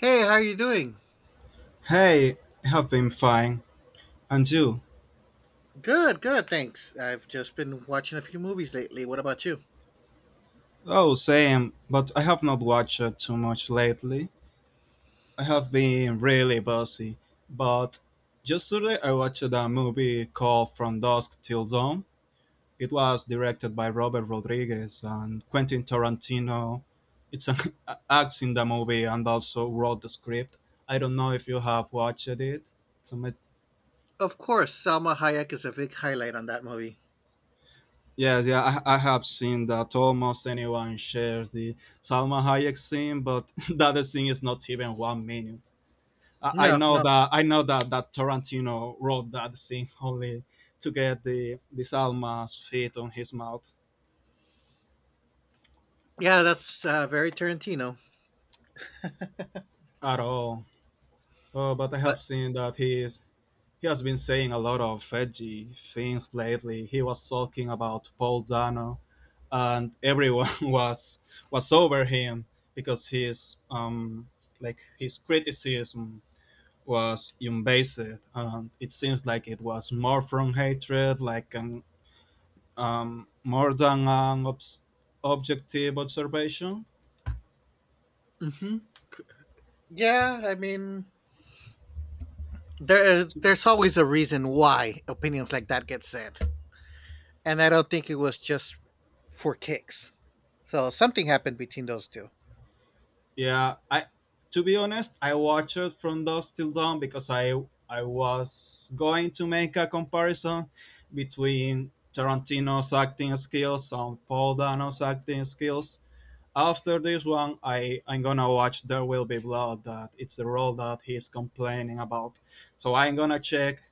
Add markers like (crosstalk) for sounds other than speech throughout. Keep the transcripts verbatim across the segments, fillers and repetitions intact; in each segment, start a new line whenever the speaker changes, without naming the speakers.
Hey, how are you doing?
Hey, I have been fine. And you?
Good, good, thanks. I've just been watching a few movies lately. What about you?
Oh, same, but I have not watched too much lately. I have been really busy. But yesterday I watched a movie called From Dusk Till Dawn. It was directed by Robert Rodriguez and Quentin Tarantino. It's an (laughs) acts in the movie and also wrote the script. I don't know if you have watched it. So
Of course, Salma Hayek is a big highlight on that movie.
yes, yeah, I, I have seen that almost anyone shares the Salma Hayek scene, but (laughs) that scene is not even one minute. I, I
No,
know
no.
that I know that, that Tarantino wrote that scene (laughs) only to get the the Salma's feet on his mouth
Yeah, that's uh, very Tarantino.
at all. Oh, but I
But
have seen that he is He has been saying a lot of edgy things lately. He was talking about Paul Dano, and everyone (laughs) was was over him because his um like his criticism was unbased, and it seems like it was more from hatred, like an um more than an obs- objective observation.
hmm yeah, I mean, there there's always a reason why opinions like that get said, and I don't think it was just for kicks. So something happened between those two.
Yeah, I, to be honest, I watched it from dusk till dawn because I I was going to make a comparison between Tarantino's acting skills and Paul Dano's acting skills. After this one, I I'm gonna watch There Will Be Blood. That it's the role that he's complaining about. So I'm gonna check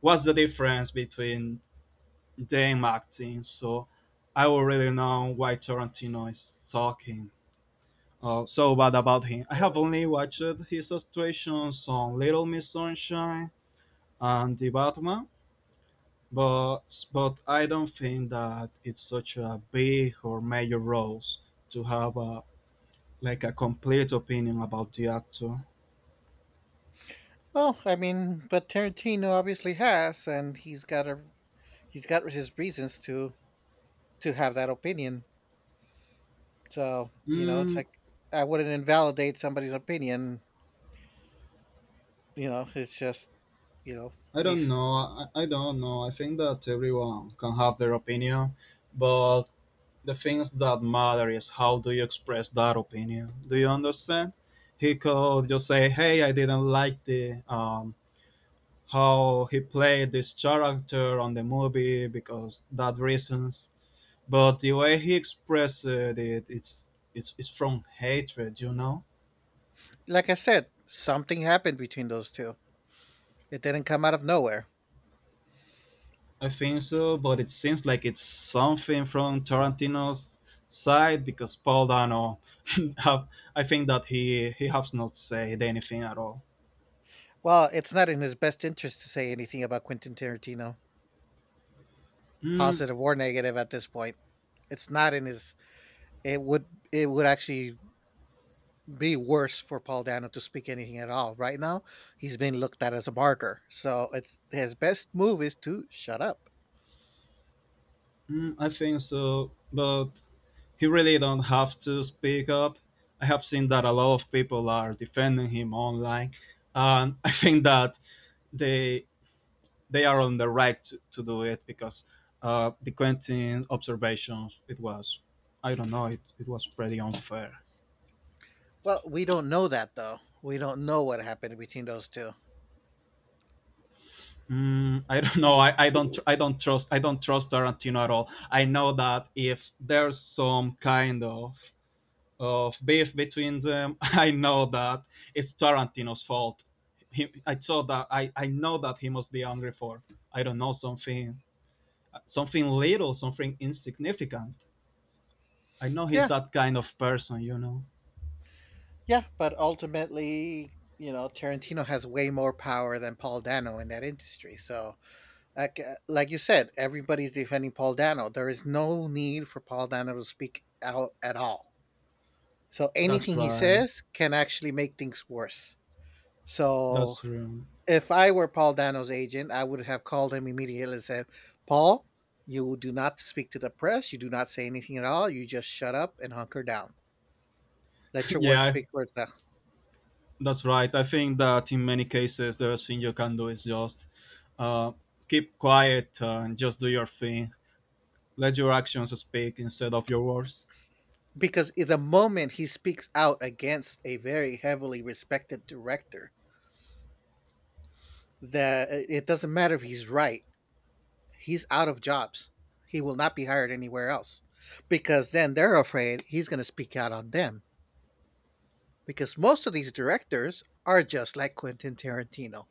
what's the difference between them acting. So I will really know why Tarantino is talking, oh, so bad about him. I have only watched his situations on Little Miss Sunshine and The Batman, but but I don't think that it's such a big or major role to have a, like a complete opinion about the actor.
Oh, I mean, but Tarantino obviously has, and he's got a he's got his reasons to to have that opinion. So, you know, it's
Mm,
like I wouldn't invalidate somebody's opinion. You know, it's just, you know,
I don't
he's
know. I, I don't know. I think that everyone can have their opinion, but the things that matter is how do you express that opinion. Do you understand? He could just say, "Hey, I didn't like the um, how he played this character on the movie because that reasons." But the way he expressed it, it's it's it's from hatred, you know.
like I said, something happened between those two. It didn't come out of nowhere.
I think so, but it seems like it's something from Tarantino's side because Paul Dano, (laughs) have, I think that he he has not said anything at all.
Well, it's not in his best interest to say anything about Quentin Tarantino,
Mm.
positive or negative at this point. It's not in his it would it would actually be worse for Paul Dano to speak anything at all. Right now, he's being looked at as a martyr. So it's his best move is to shut up.
Mm, I think so, but he really don't have to speak up. I have seen that a lot of people are defending him online, and (laughs) I think that they they are on the right to, to do it because uh, the Quentin observations it was, I don't know, it, it was pretty unfair.
Well, we don't know that though. We don't know what happened between those two.
Mm, I don't know.
Mm,
I, I don't I don't trust, I don't trust Tarantino at all. I know that if there's some kind of of beef between them, (laughs) I know that it's Tarantino's fault. He, I thought that I, I know that he must be angry for, I don't know, something, something little, something insignificant. I know he's
yeah,
that kind of person, you know.
yeah, but ultimately, you know, Tarantino has way more power than Paul Dano in that industry. So like, uh, like you said, everybody's defending Paul Dano. There is no need for Paul Dano to speak out at all. So
That's
anything he
right.
says can actually make things worse. So
That's true.
if I were Paul Dano's agent, I would have called him immediately and said, Paul, you do not speak to the press. You do not say anything at all. You just shut up and hunker down. Let
(laughs)
your work
Yeah,
speak for itself.
that's right. I think that in many cases, the best thing you can do is just uh, keep quiet and just do your thing. Let your actions speak instead of your words.
Because in the moment he speaks out against a very heavily respected director, that uh, it doesn't matter if he's right, he's out of jobs. He will not be hired anywhere else because then they're afraid he's going to speak out on them because most of these directors are just like Quentin Tarantino.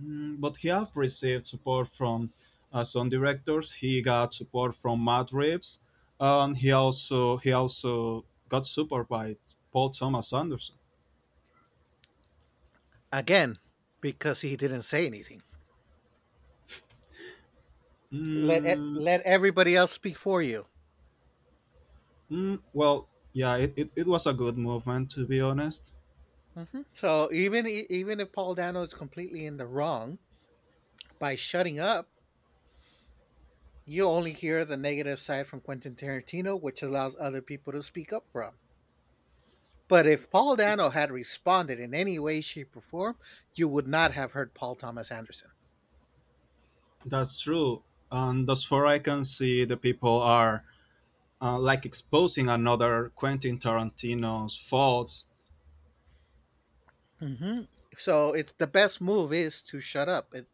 Mm, but he have received support from uh, some directors. He got support from Matt Reeves, and he also he also got support by Paul Thomas Anderson.
Again, because he didn't say anything. Let e-
Mm.
let everybody else speak for you.
Mm, well, yeah, it, it, it was a good movement to be honest.
Mhm. So even e, even if Paul Dano is completely in the wrong by shutting up, you only hear the negative side from Quentin Tarantino, which allows other people to speak up from. But if Paul Dano had responded in any way, shape, or form, you would not have heard Paul Thomas Anderson.
That's true, and thus far I can see the people are uh, like exposing another Quentin Tarantino's faults.
Mm-hmm. So it's the best move is to shut up. It,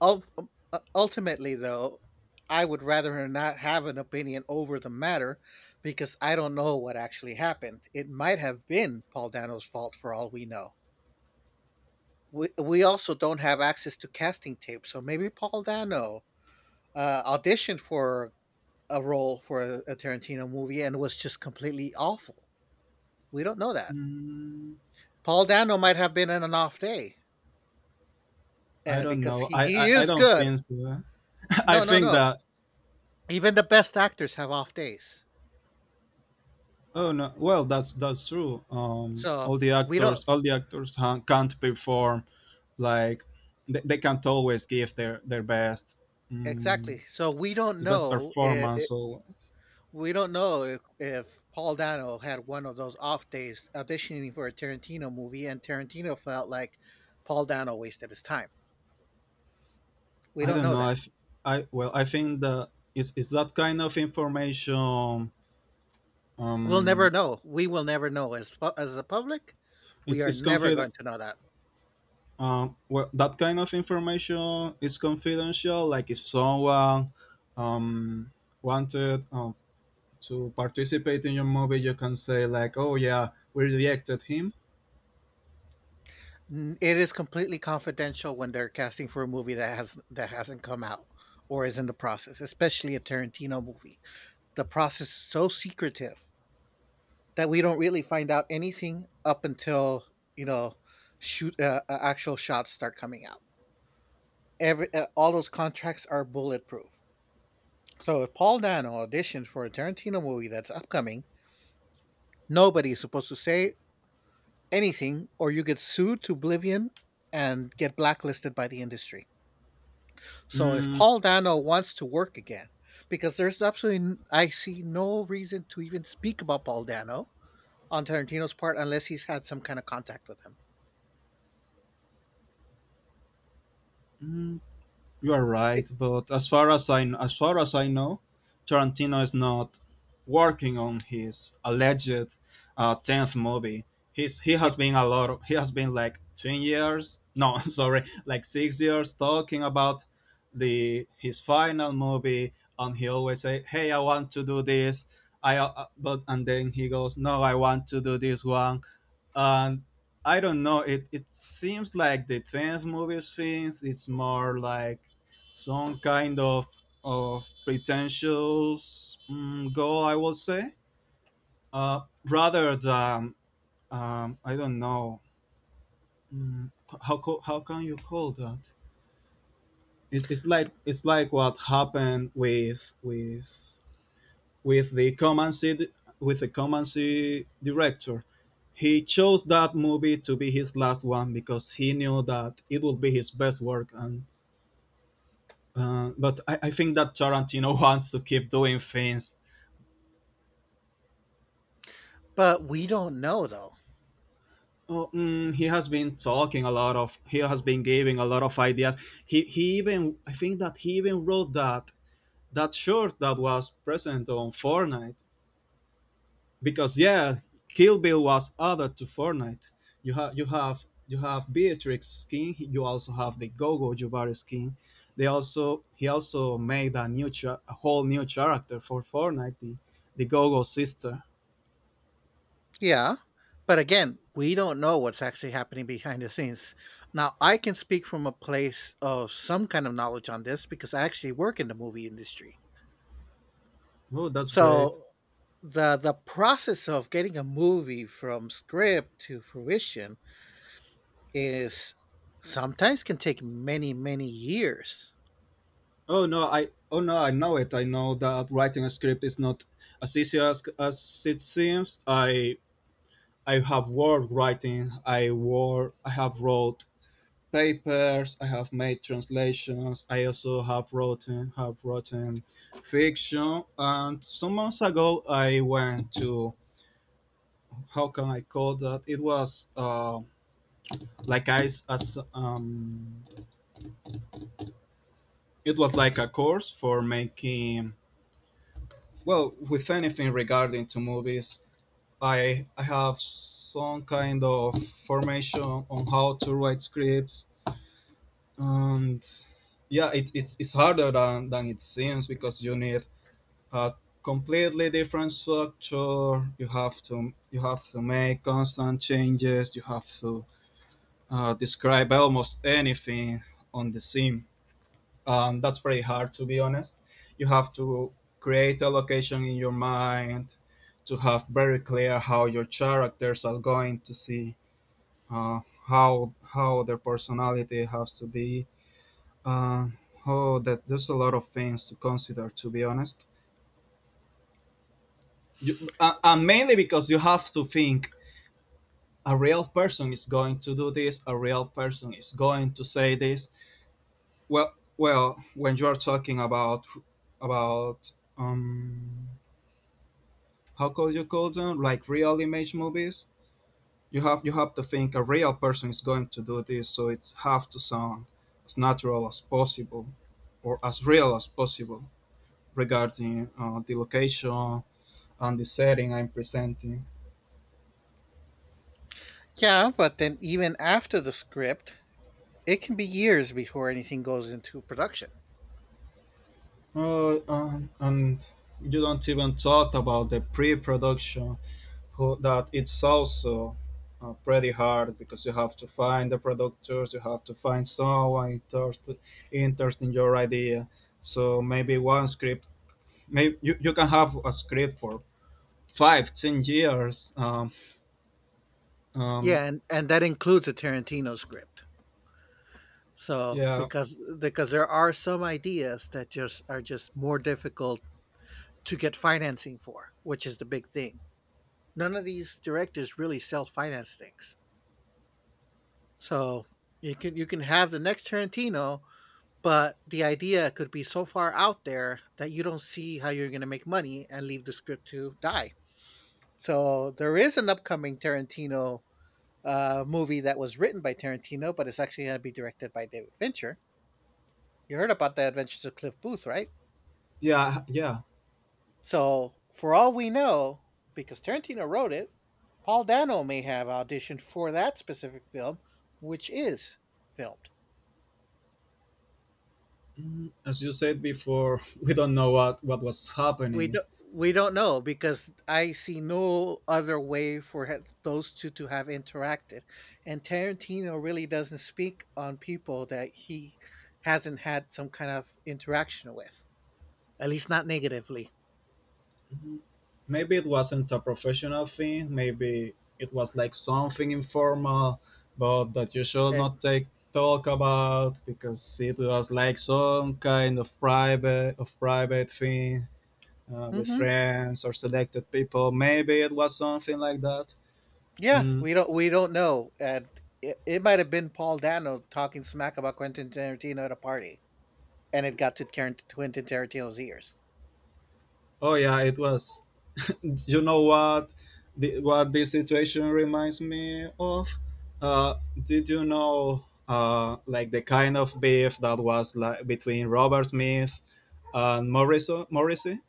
ul- uh, Ultimately, though, I would rather her not have an opinion over the matter because I don't know what actually happened. It might have been Paul Dano's fault for all we know. We, we also don't have access to casting tapes, so maybe Paul Dano uh, auditioned for a role for a, a Tarantino movie and was just completely awful. We don't know that.
Mm,
Paul Dano might have been in an off day,
I
and
don't
because
know.
he,
I,
he
I, I
is
don't
good.
think so. (laughs) I
No, no,
think
no.
that,
Even the best actors have off days.
oh no! Well, that's that's true. Um,
So
all the
we don't
actors, all the actors han- can't perform like they, they can't always give their their best, mm,
exactly. So we don't
best
know. If,
performance. Always,
we don't know if, if Paul Dano had one of those off days auditioning for a Tarantino movie, and Tarantino felt like Paul Dano wasted his time. We
I
don't
don't
know
know. I,
that.
f- I, well, I think that it's it's that kind of information.
We'll never
Um,
know. We will never know as pu- as a public. We
it's
are
it's
never
confident.
going to know that.
Um, well, that kind of information is confidential. Like if someone um wanted um, to participate in your movie, you can say like, "Oh yeah, we rejected him."
Mm, it is completely confidential when they're casting for a movie that has that hasn't come out or is in the process, especially a Tarantino movie. The process is so secretive that we don't really find out anything up until you know shoot uh, uh, actual shots start coming out. Every uh, all those contracts are bulletproof. So if Paul Dano auditioned for a Tarantino movie that's upcoming, nobody is supposed to say anything, or you get sued to oblivion and get blacklisted by the industry. So if
Mm.
Paul Dano wants to work again, because there's absolutely I see no reason to even speak about Paul Dano on Tarantino's part unless he's had some kind of contact with him.
Mm, you are right, but as far as I as far as I know, Tarantino is not working on his alleged uh, tenth movie. He's he has been a lot. Of, he has been like ten years. No, (laughs) sorry, like six years talking about the his final movie, and he always say, "Hey, I want to do this." I uh, uh, but and then he goes, "No, I want to do this one." And I don't know. It it seems like the tenth movies things. It's more like some kind of of pretentious, mm, goal, I will say, uh, rather than, um, I don't know, mm, how co- how can you call that? It, it's like, it's like what happened with with with the command C, with the command C director. He chose that movie to be his last one because he knew that it would be his best work. And uh, but I, I think that Tarantino (laughs) wants to keep doing things.
But we don't know though.
Oh, mm, he has been talking a lot of. He has been giving a lot of ideas. He he even I think that he even wrote that that short that was present on Fortnite. Because yeah, Kill Bill was added to Fortnite. You have you have you have Beatrix skin. You also have the Gogo Jubari skin. They also he also made a new cha- a whole new character for Fortnite, the the Gogo sister.
Yeah. But again, we don't know what's actually happening behind the scenes. Now, I can speak from a place of some kind of knowledge on this because I actually work in the movie industry.
Oh, that's great.
So the the process of getting a movie from script to fruition is sometimes can take many, many years.
Oh no, I oh no, I know it. I know that writing a script is not as easy as, as it seems. I I have worked writing. I wore I have wrote papers. I have made translations. I also have written have written fiction. And some months ago, I went to, how can I call that? It was uh, like I s- as um, it was like a course for making, well, with anything regarding to movies. I I have some kind of formation on how to write scripts, and yeah, it, it's, it's harder than, than it seems because you need a completely different structure. You have to you have to make constant changes. You have to, uh, describe almost anything on the scene. Um, that's pretty hard to be honest. You have to create a location in your mind to have very clear how your characters are going to see, uh, how how their personality has to be. Uh, oh, that there's a lot of things to consider. To be honest, you, uh, and mainly because you have to think a real person is going to do this, a real person is going to say this. Well, well, when you are talking about about um, how could you call them like real image movies, you have you have to think a real person is going to do this, so it have to sound as natural as possible, or as real as possible regarding, uh, the location and the setting I'm presenting.
Yeah, but then even after the script, it can be years before anything goes into production.
Uh, and, and you don't even talk about the pre-production who, that it's also, uh, pretty hard because you have to find the producers. You have to find someone interested interested in your idea, so maybe one script, maybe you, you can have a script for five, ten years, um, um,
Yeah, and, and that includes a Tarantino script. So
yeah,
because because there are some ideas that just are just more difficult to get financing for, which is the big thing. None of these directors really self finance things. So you can you can have the next Tarantino. But the idea could be so far out there that you don't see how you're going to make money and leave the script to die. So there is an upcoming Tarantino uh, movie that was written by Tarantino, but it's actually going to be directed by David Fincher. You heard about the Adventures of Cliff Booth, right?
yeah, yeah.
So for all we know, because Tarantino wrote it, Paul Dano may have auditioned for that specific film, which is filmed.
Mm, as you said before, (laughs) we don't know what what was
We
happening.
don't we don't know because I see no other way for ha- those two to have interacted, and Tarantino really doesn't speak on people that he hasn't had some kind of interaction with, at least not negatively.
Mhm. Maybe it wasn't a professional thing, maybe it was like something informal, but that you should
Uh,
not take, talk about because it was like some kind of private of private thing, uh, with
hmm,
friends or selected people. Maybe it was something like that.
yeah,
Mm.
we don't we don't know, and it, it might have been Paul Dano talking smack about Quentin Tarantino at a party, and it got to Tarant- Quentin Tarantino's ears.
Oh yeah, it was, you know what, the, what this situation reminds me of, uh, did you know, uh, like the kind of beef that was like between Robert Smith and morrison Morrissey?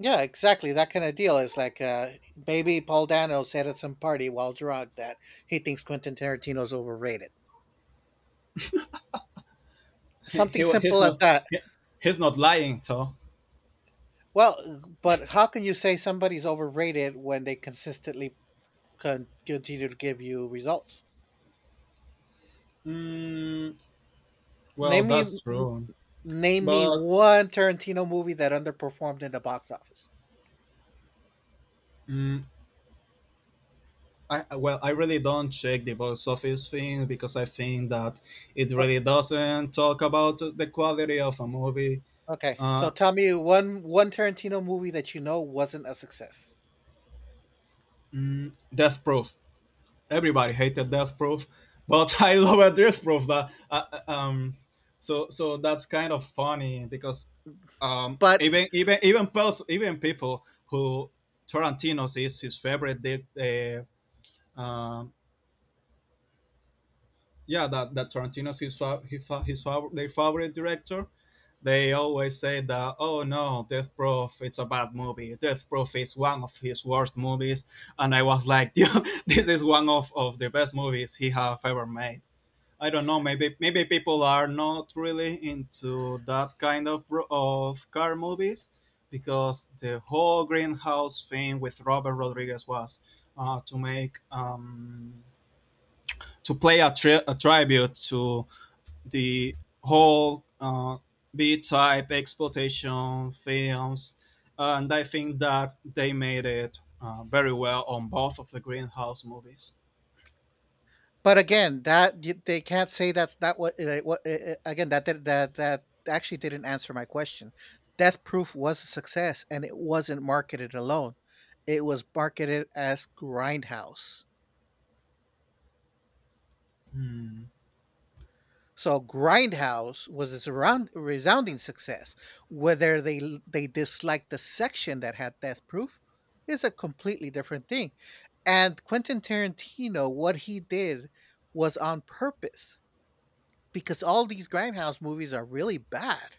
Yeah, exactly. That kind of deal is like uh, maybe Paul Dano said at some party while drunk that he thinks Quentin Tarantino's overrated.
he,
Something
he he's
simple as
not,
that.
he- he's not lying though.
Well, but how can you say somebody's overrated when they consistently con- continue to give you results?
Mm, well,
Name me,
that's
n-
true.
name me
But,
one Tarantino movie that underperformed in the box office.
mm, I, I- well, I really don't check the box office thing because I think that it
O-
really doesn't talk about the quality of a movie.
Okay, so
Uh,
tell me one one Tarantino movie that you know wasn't a success.
mm, Death Proof. Everybody hated Death Proof, but (laughs) I love Death Proof. That, uh, uh, um so, so that's kind of funny because, um,
but
even even even pers- even people who Tarantino's is his favorite, they, uh, um yeah, that that Tarantino's his fa- his, fa- his fav- their favorite director, they always say that, oh no, Death Proof, it's a bad movie, Death Proof is one of his worst movies. And I was like, (laughs) "Dude, this is one of, of the best movies he have ever made. I don't know. Maybe maybe people are not really into that kind of ro- of car movies because the whole greenhouse thing with Robert Rodriguez was uh, to make um, to play a, tri- a tribute to the whole uh, B type exploitation films, and I think that they made it uh, very well on both of the Greenhouse movies.
But again, that y they can't say that's not what it what a a again, that did that that actually didn't answer my question. Death Proof was a success, and it wasn't marketed alone. It was marketed as Grindhouse.
Hmm.
So Grindhouse was a surround resounding success. Whether they l they disliked the section that had Death Proof is a completely different thing, and Quentin Tarantino, what he did was on purpose, because all these grindhouse movies are really bad.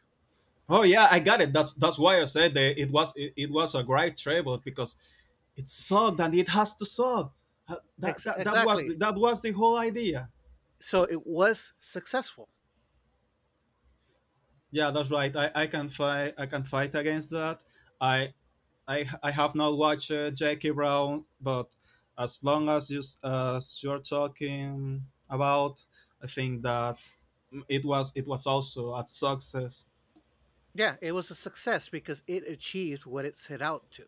Oh yeah, I got it. That's that's why I said that it was it, it was a great tribute because it sucked and it has to suck. Uh, that,
Ex-
that that was the,
exactly.
that was the whole idea.
So it was successful.
Yeah, that's right, i i can fight, I can fight against that. I i i have not watched uh, Jackie Brown, but as long as you s- as you're talking about, I think that it was it was also a success.
Yeah, it was a success because it achieved what it set out to.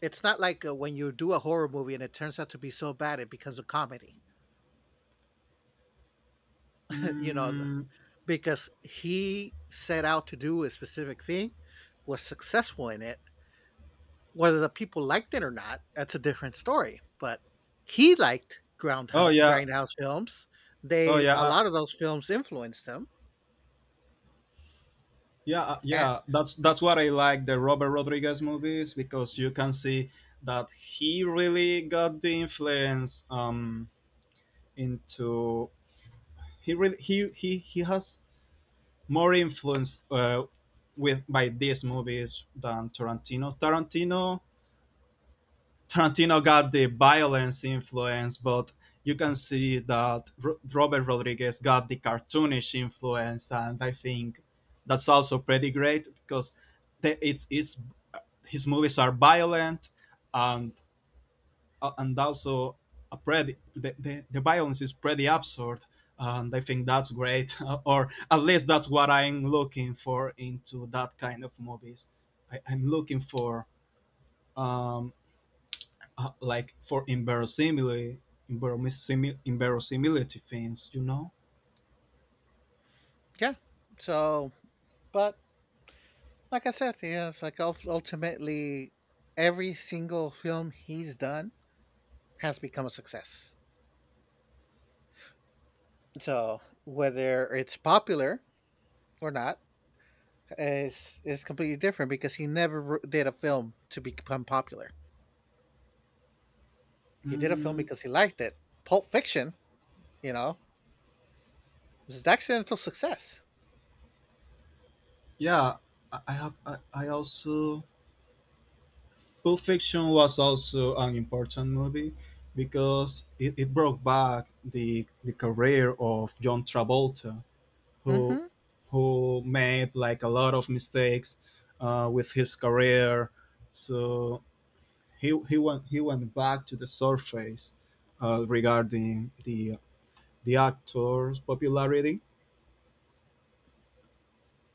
It's not like uh, when you do a horror movie and it turns out to be so bad it becomes a comedy. (laughs) You know,
mm,
because he set out to do a specific thing, was successful in it. Whether the people liked it or not, that's a different story. But he liked
oh
Groundhouse,
yeah,
Grindhouse films.
oh
They a
yeah.
lot of those films influenced him.
Yeah, uh,
a-
yeah, that's that's what I like the Robert Rodriguez movies, because you can see that he really got the influence um into he really he he, he has more influence uh, with by these movies than Tarantino. Tarantino Tarantino got the violence influence, but you can see that R- Robert Rodriguez got the cartoonish influence, and I think that's also pretty great because the- it's it's his movies are violent, and uh, and also a pretty the, the, the violence is pretty absurd, and I think that's great, (laughs) or at least that's what I'm looking for into that kind of movies. I, i'm looking for um uh, like for inverosimile inverosimi- inverosimility things, you know.
Yeah. So, but like I said, yeah, it's like ul- ultimately every single film he's done has become a success. So whether it's popular or not is is completely different because he never r- did a film to become popular. He did a film
mm,
because he liked it. Pulp Fiction, you know, is an accidental success.
yeah. I, I have I, I also, Pulp Fiction was also an important movie because it, it brought back the the career of John Travolta, who
Hmm.
who made like a lot of mistakes uh, with his career. So he he went he went back to the surface uh, regarding the the actor's popularity.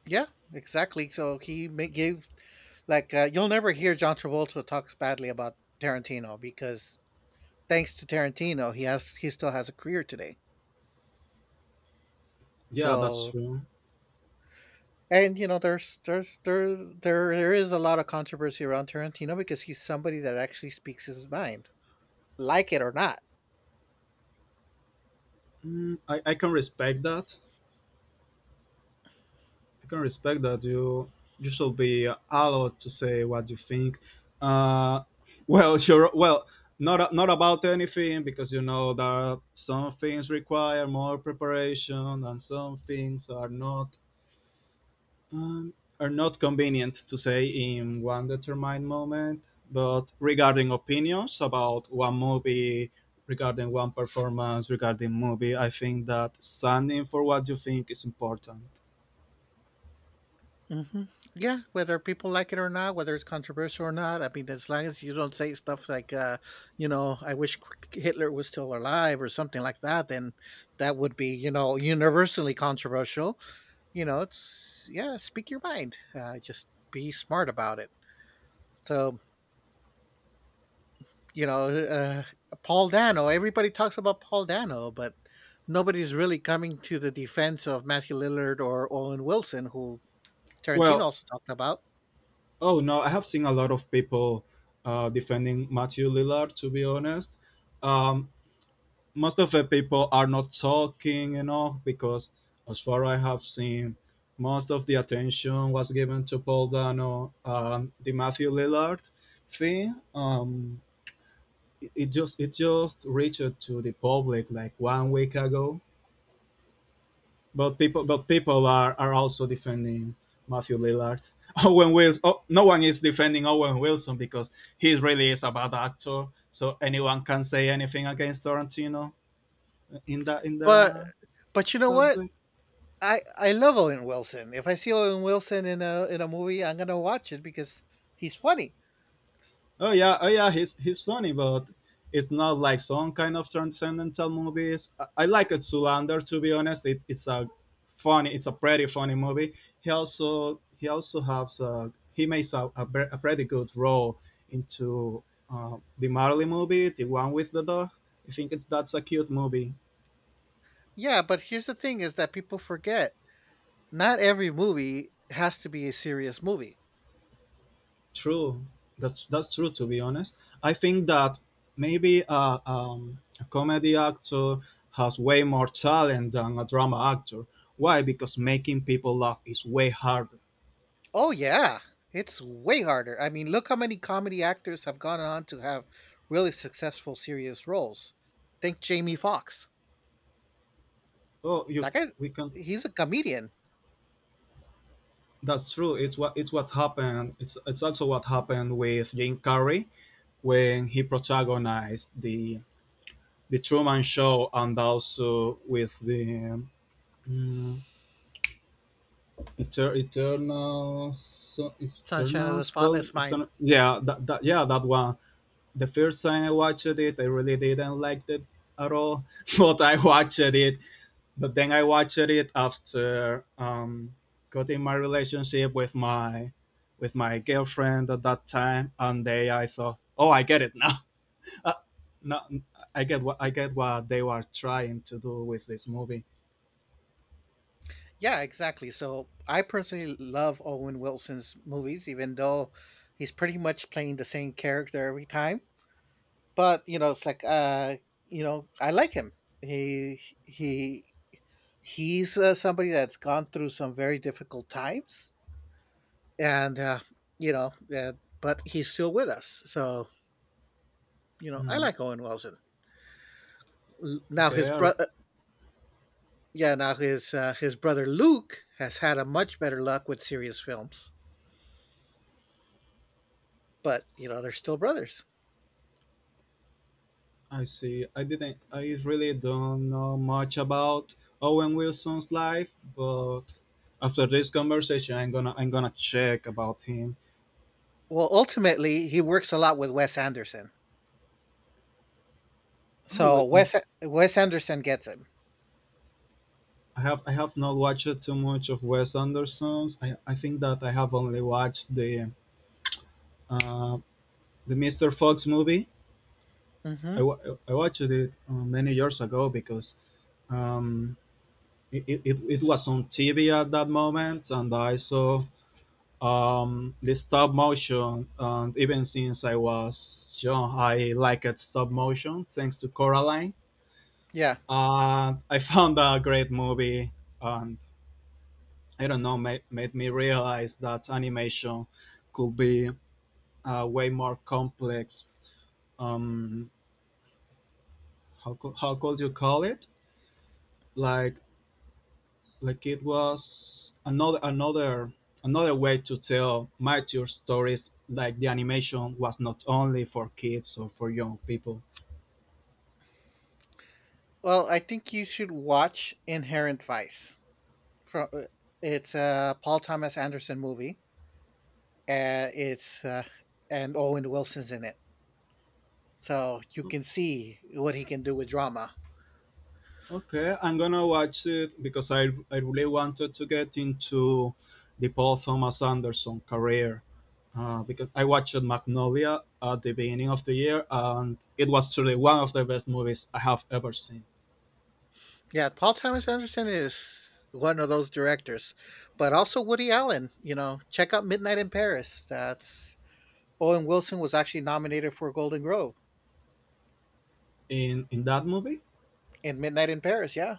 Yeah, exactly. So he ma- gave like uh, you'll never hear John Travolta talks badly about Tarantino because thanks to Tarantino, he has he still has a career today.
Yeah, that's
So
true.
and you know there's there's there there there is a lot of controversy around Tarantino because he's somebody that actually speaks his mind, like it or not.
Mm, I, I can respect that. I can respect that you you should be allowed to say what you think. Uh, (laughs) well, sure. Well, not not about anything, because you know that some things require more preparation, and some things are not um, are not convenient to say in one determined moment. But regarding opinions about one movie, regarding one performance, regarding movie, I think that standing for what you think is important.
Hmm. Yeah, whether people like it or not, whether it's controversial or not, I mean, as long as you don't say stuff like, uh, you know, I wish Hitler was still alive or something like that, then that would be, you know, universally controversial. You know, it's yeah, speak your mind. Uh, just be smart about it. So you know, uh, Paul Dano. Everybody talks about Paul Dano, but nobody's really coming to the defense of Matthew Lillard or Owen Wilson, who Tarantino
Well,
also talked about.
oh no, I have seen a lot of people uh, defending Matthew Lillard. To be honest, um, most of the people are not talking enough because, as far I have seen, most of the attention was given to Paul Dano and the Matthew Lillard thing. Um, it, it just it just reached to the public like one week ago. But people, but people are, are also defending Matthew Lillard. (laughs) Owen Wilson. Oh, no one is defending Owen Wilson because he really is a bad actor. So anyone can say anything against Tarantino in the in
But
the
but you know what?
subject.
I I love Owen Wilson. If I see Owen Wilson in a in a movie, I'm gonna watch it because he's funny.
Oh yeah, oh yeah, he's he's funny, but it's not like some kind of transcendental movies. I, I like it, Zoolander, to be honest. It, it's a funny, it's a pretty funny movie. He also he also has a, he makes a, a, pre- a pretty good role into uh, the Marley movie, the one with the dog. I think it's, that's a cute movie.
Yeah, but here's the thing: is that people forget not every movie has to be a serious movie.
True. That's that's true. To be honest, I think that maybe a, um, a comedy actor has way more talent than a drama actor. Why? Because making people laugh is way harder.
Oh yeah, it's way harder. I mean, look how many comedy actors have gone on to have really successful serious roles. Think Jamie Foxx.
Oh, you
That guy,
we can.
he's a comedian.
That's true. It's what it's what happened. It's it's also what happened with Jim Carrey when he protagonized the the Truman Show and also with the. mm, Eter- Eternals,
Sunshine of the
Eternals, but
Spotless
it's
Mind.
yeah, that, that yeah, that one. The first time I watched it, I really didn't like it at all, (laughs) but I watched it, but then I watched it after um, cutting my relationship with my with my girlfriend at that time, and they I thought, oh, I get it now. (laughs) uh, no, I get what I get what they were trying to do with this movie.
Yeah, exactly. So I personally love Owen Wilson's movies, even though he's pretty much playing the same character every time. But you know, it's like uh, you know, I like him. He he he's uh, somebody that's gone through some very difficult times and uh, you know, uh, but he's still with us. So you know, I
Hmm,
like Owen Wilson. Now his
okay, I,
brother, yeah, now his uh, his brother Luke has had a much better luck with serious films, but you know, they're still brothers.
I see. I didn't. I really don't know much about Owen Wilson's life, but after this conversation, I'm gonna I'm gonna check about him.
Well, ultimately, he works a lot with Wes Anderson,
Oh,
so
we,
Wes Wes Anderson gets him.
I have I have not watched too much of Wes Anderson's. I, I think that I have only watched the uh, the mister Fox movie. I,
Hmm.
wa- I watched it uh, many years ago because um, it, it, it it was on T V at that moment, and I saw Um, the stop motion, and even since I was young, I liked stop motion thanks to Coraline.
Yeah.
And I (laughs) found a great movie, and I don't know, made, made me realize that animation could be uh, way more complex. Um, how, co- how could you call it? Like like it was another another another way to tell mature stories, like the animation was not only for kids or for young people.
Well, I think you should watch Inherent Vice. From it's a Paul Thomas Anderson movie, and it's uh, and Owen Wilson's in it. So you can see what he can do with drama.
Okay, I'm gonna watch it because I I really wanted to get into the Paul Thomas Anderson career. Uh, because I watched Magnolia at the beginning of the year, and it was truly one of the best movies I have ever seen.
Yeah, Paul Thomas Anderson is one of those directors, but also Woody Allen. You know, check out Midnight in Paris. That's Owen Wilson was actually nominated for a Golden Globe
In in that movie,
in Midnight in Paris. Yeah,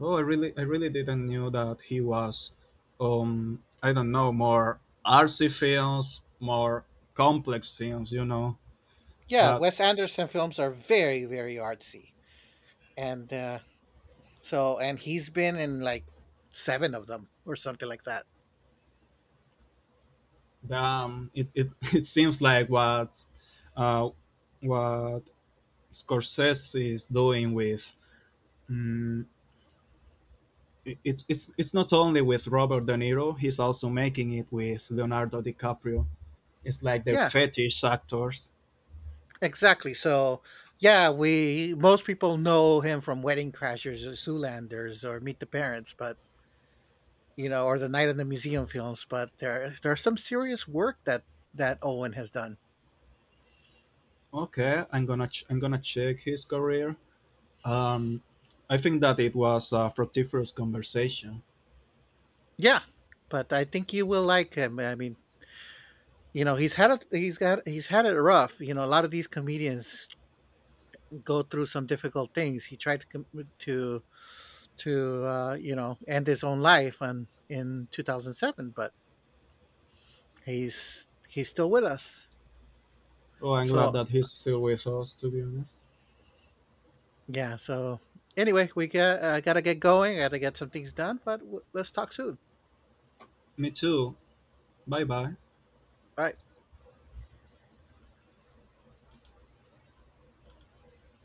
oh, I really I really didn't knew that he was, um, I don't know, more artsy films, more complex films. You know
yeah.
that
Wes Anderson films are very, very artsy, and uh, so and he's been in like seven of them or something like that.
damn it it, (laughs) it seems like what, uh, what Scorsese is doing with mm, it, it's it's not only with Robert De Niro, he's also making it with Leonardo DiCaprio. It's like they're
Yeah,
fetish actors.
exactly. So, yeah, we most people know him from Wedding Crashers or Zoolanders or Meet the Parents, but you know, or the Night in the Museum films. But there, there's some serious work that that Owen has done.
Okay, I'm gonna ch- I'm gonna check his career. Um, I think that it was a fructiferous conversation.
Yeah, but I think you will like him. I mean, you know, he's had it. He's got. He's had it rough. You know, a lot of these comedians go through some difficult things. He tried to com- to to uh, you know end his own life, and in two thousand seven, but he's he's still with us.
Oh, I'm glad
So
that he's still with us. To be honest,
yeah. So anyway, we got uh, gotta get going. Gotta get some things done. But w- let's talk soon.
me too. Bye bye.
Bye.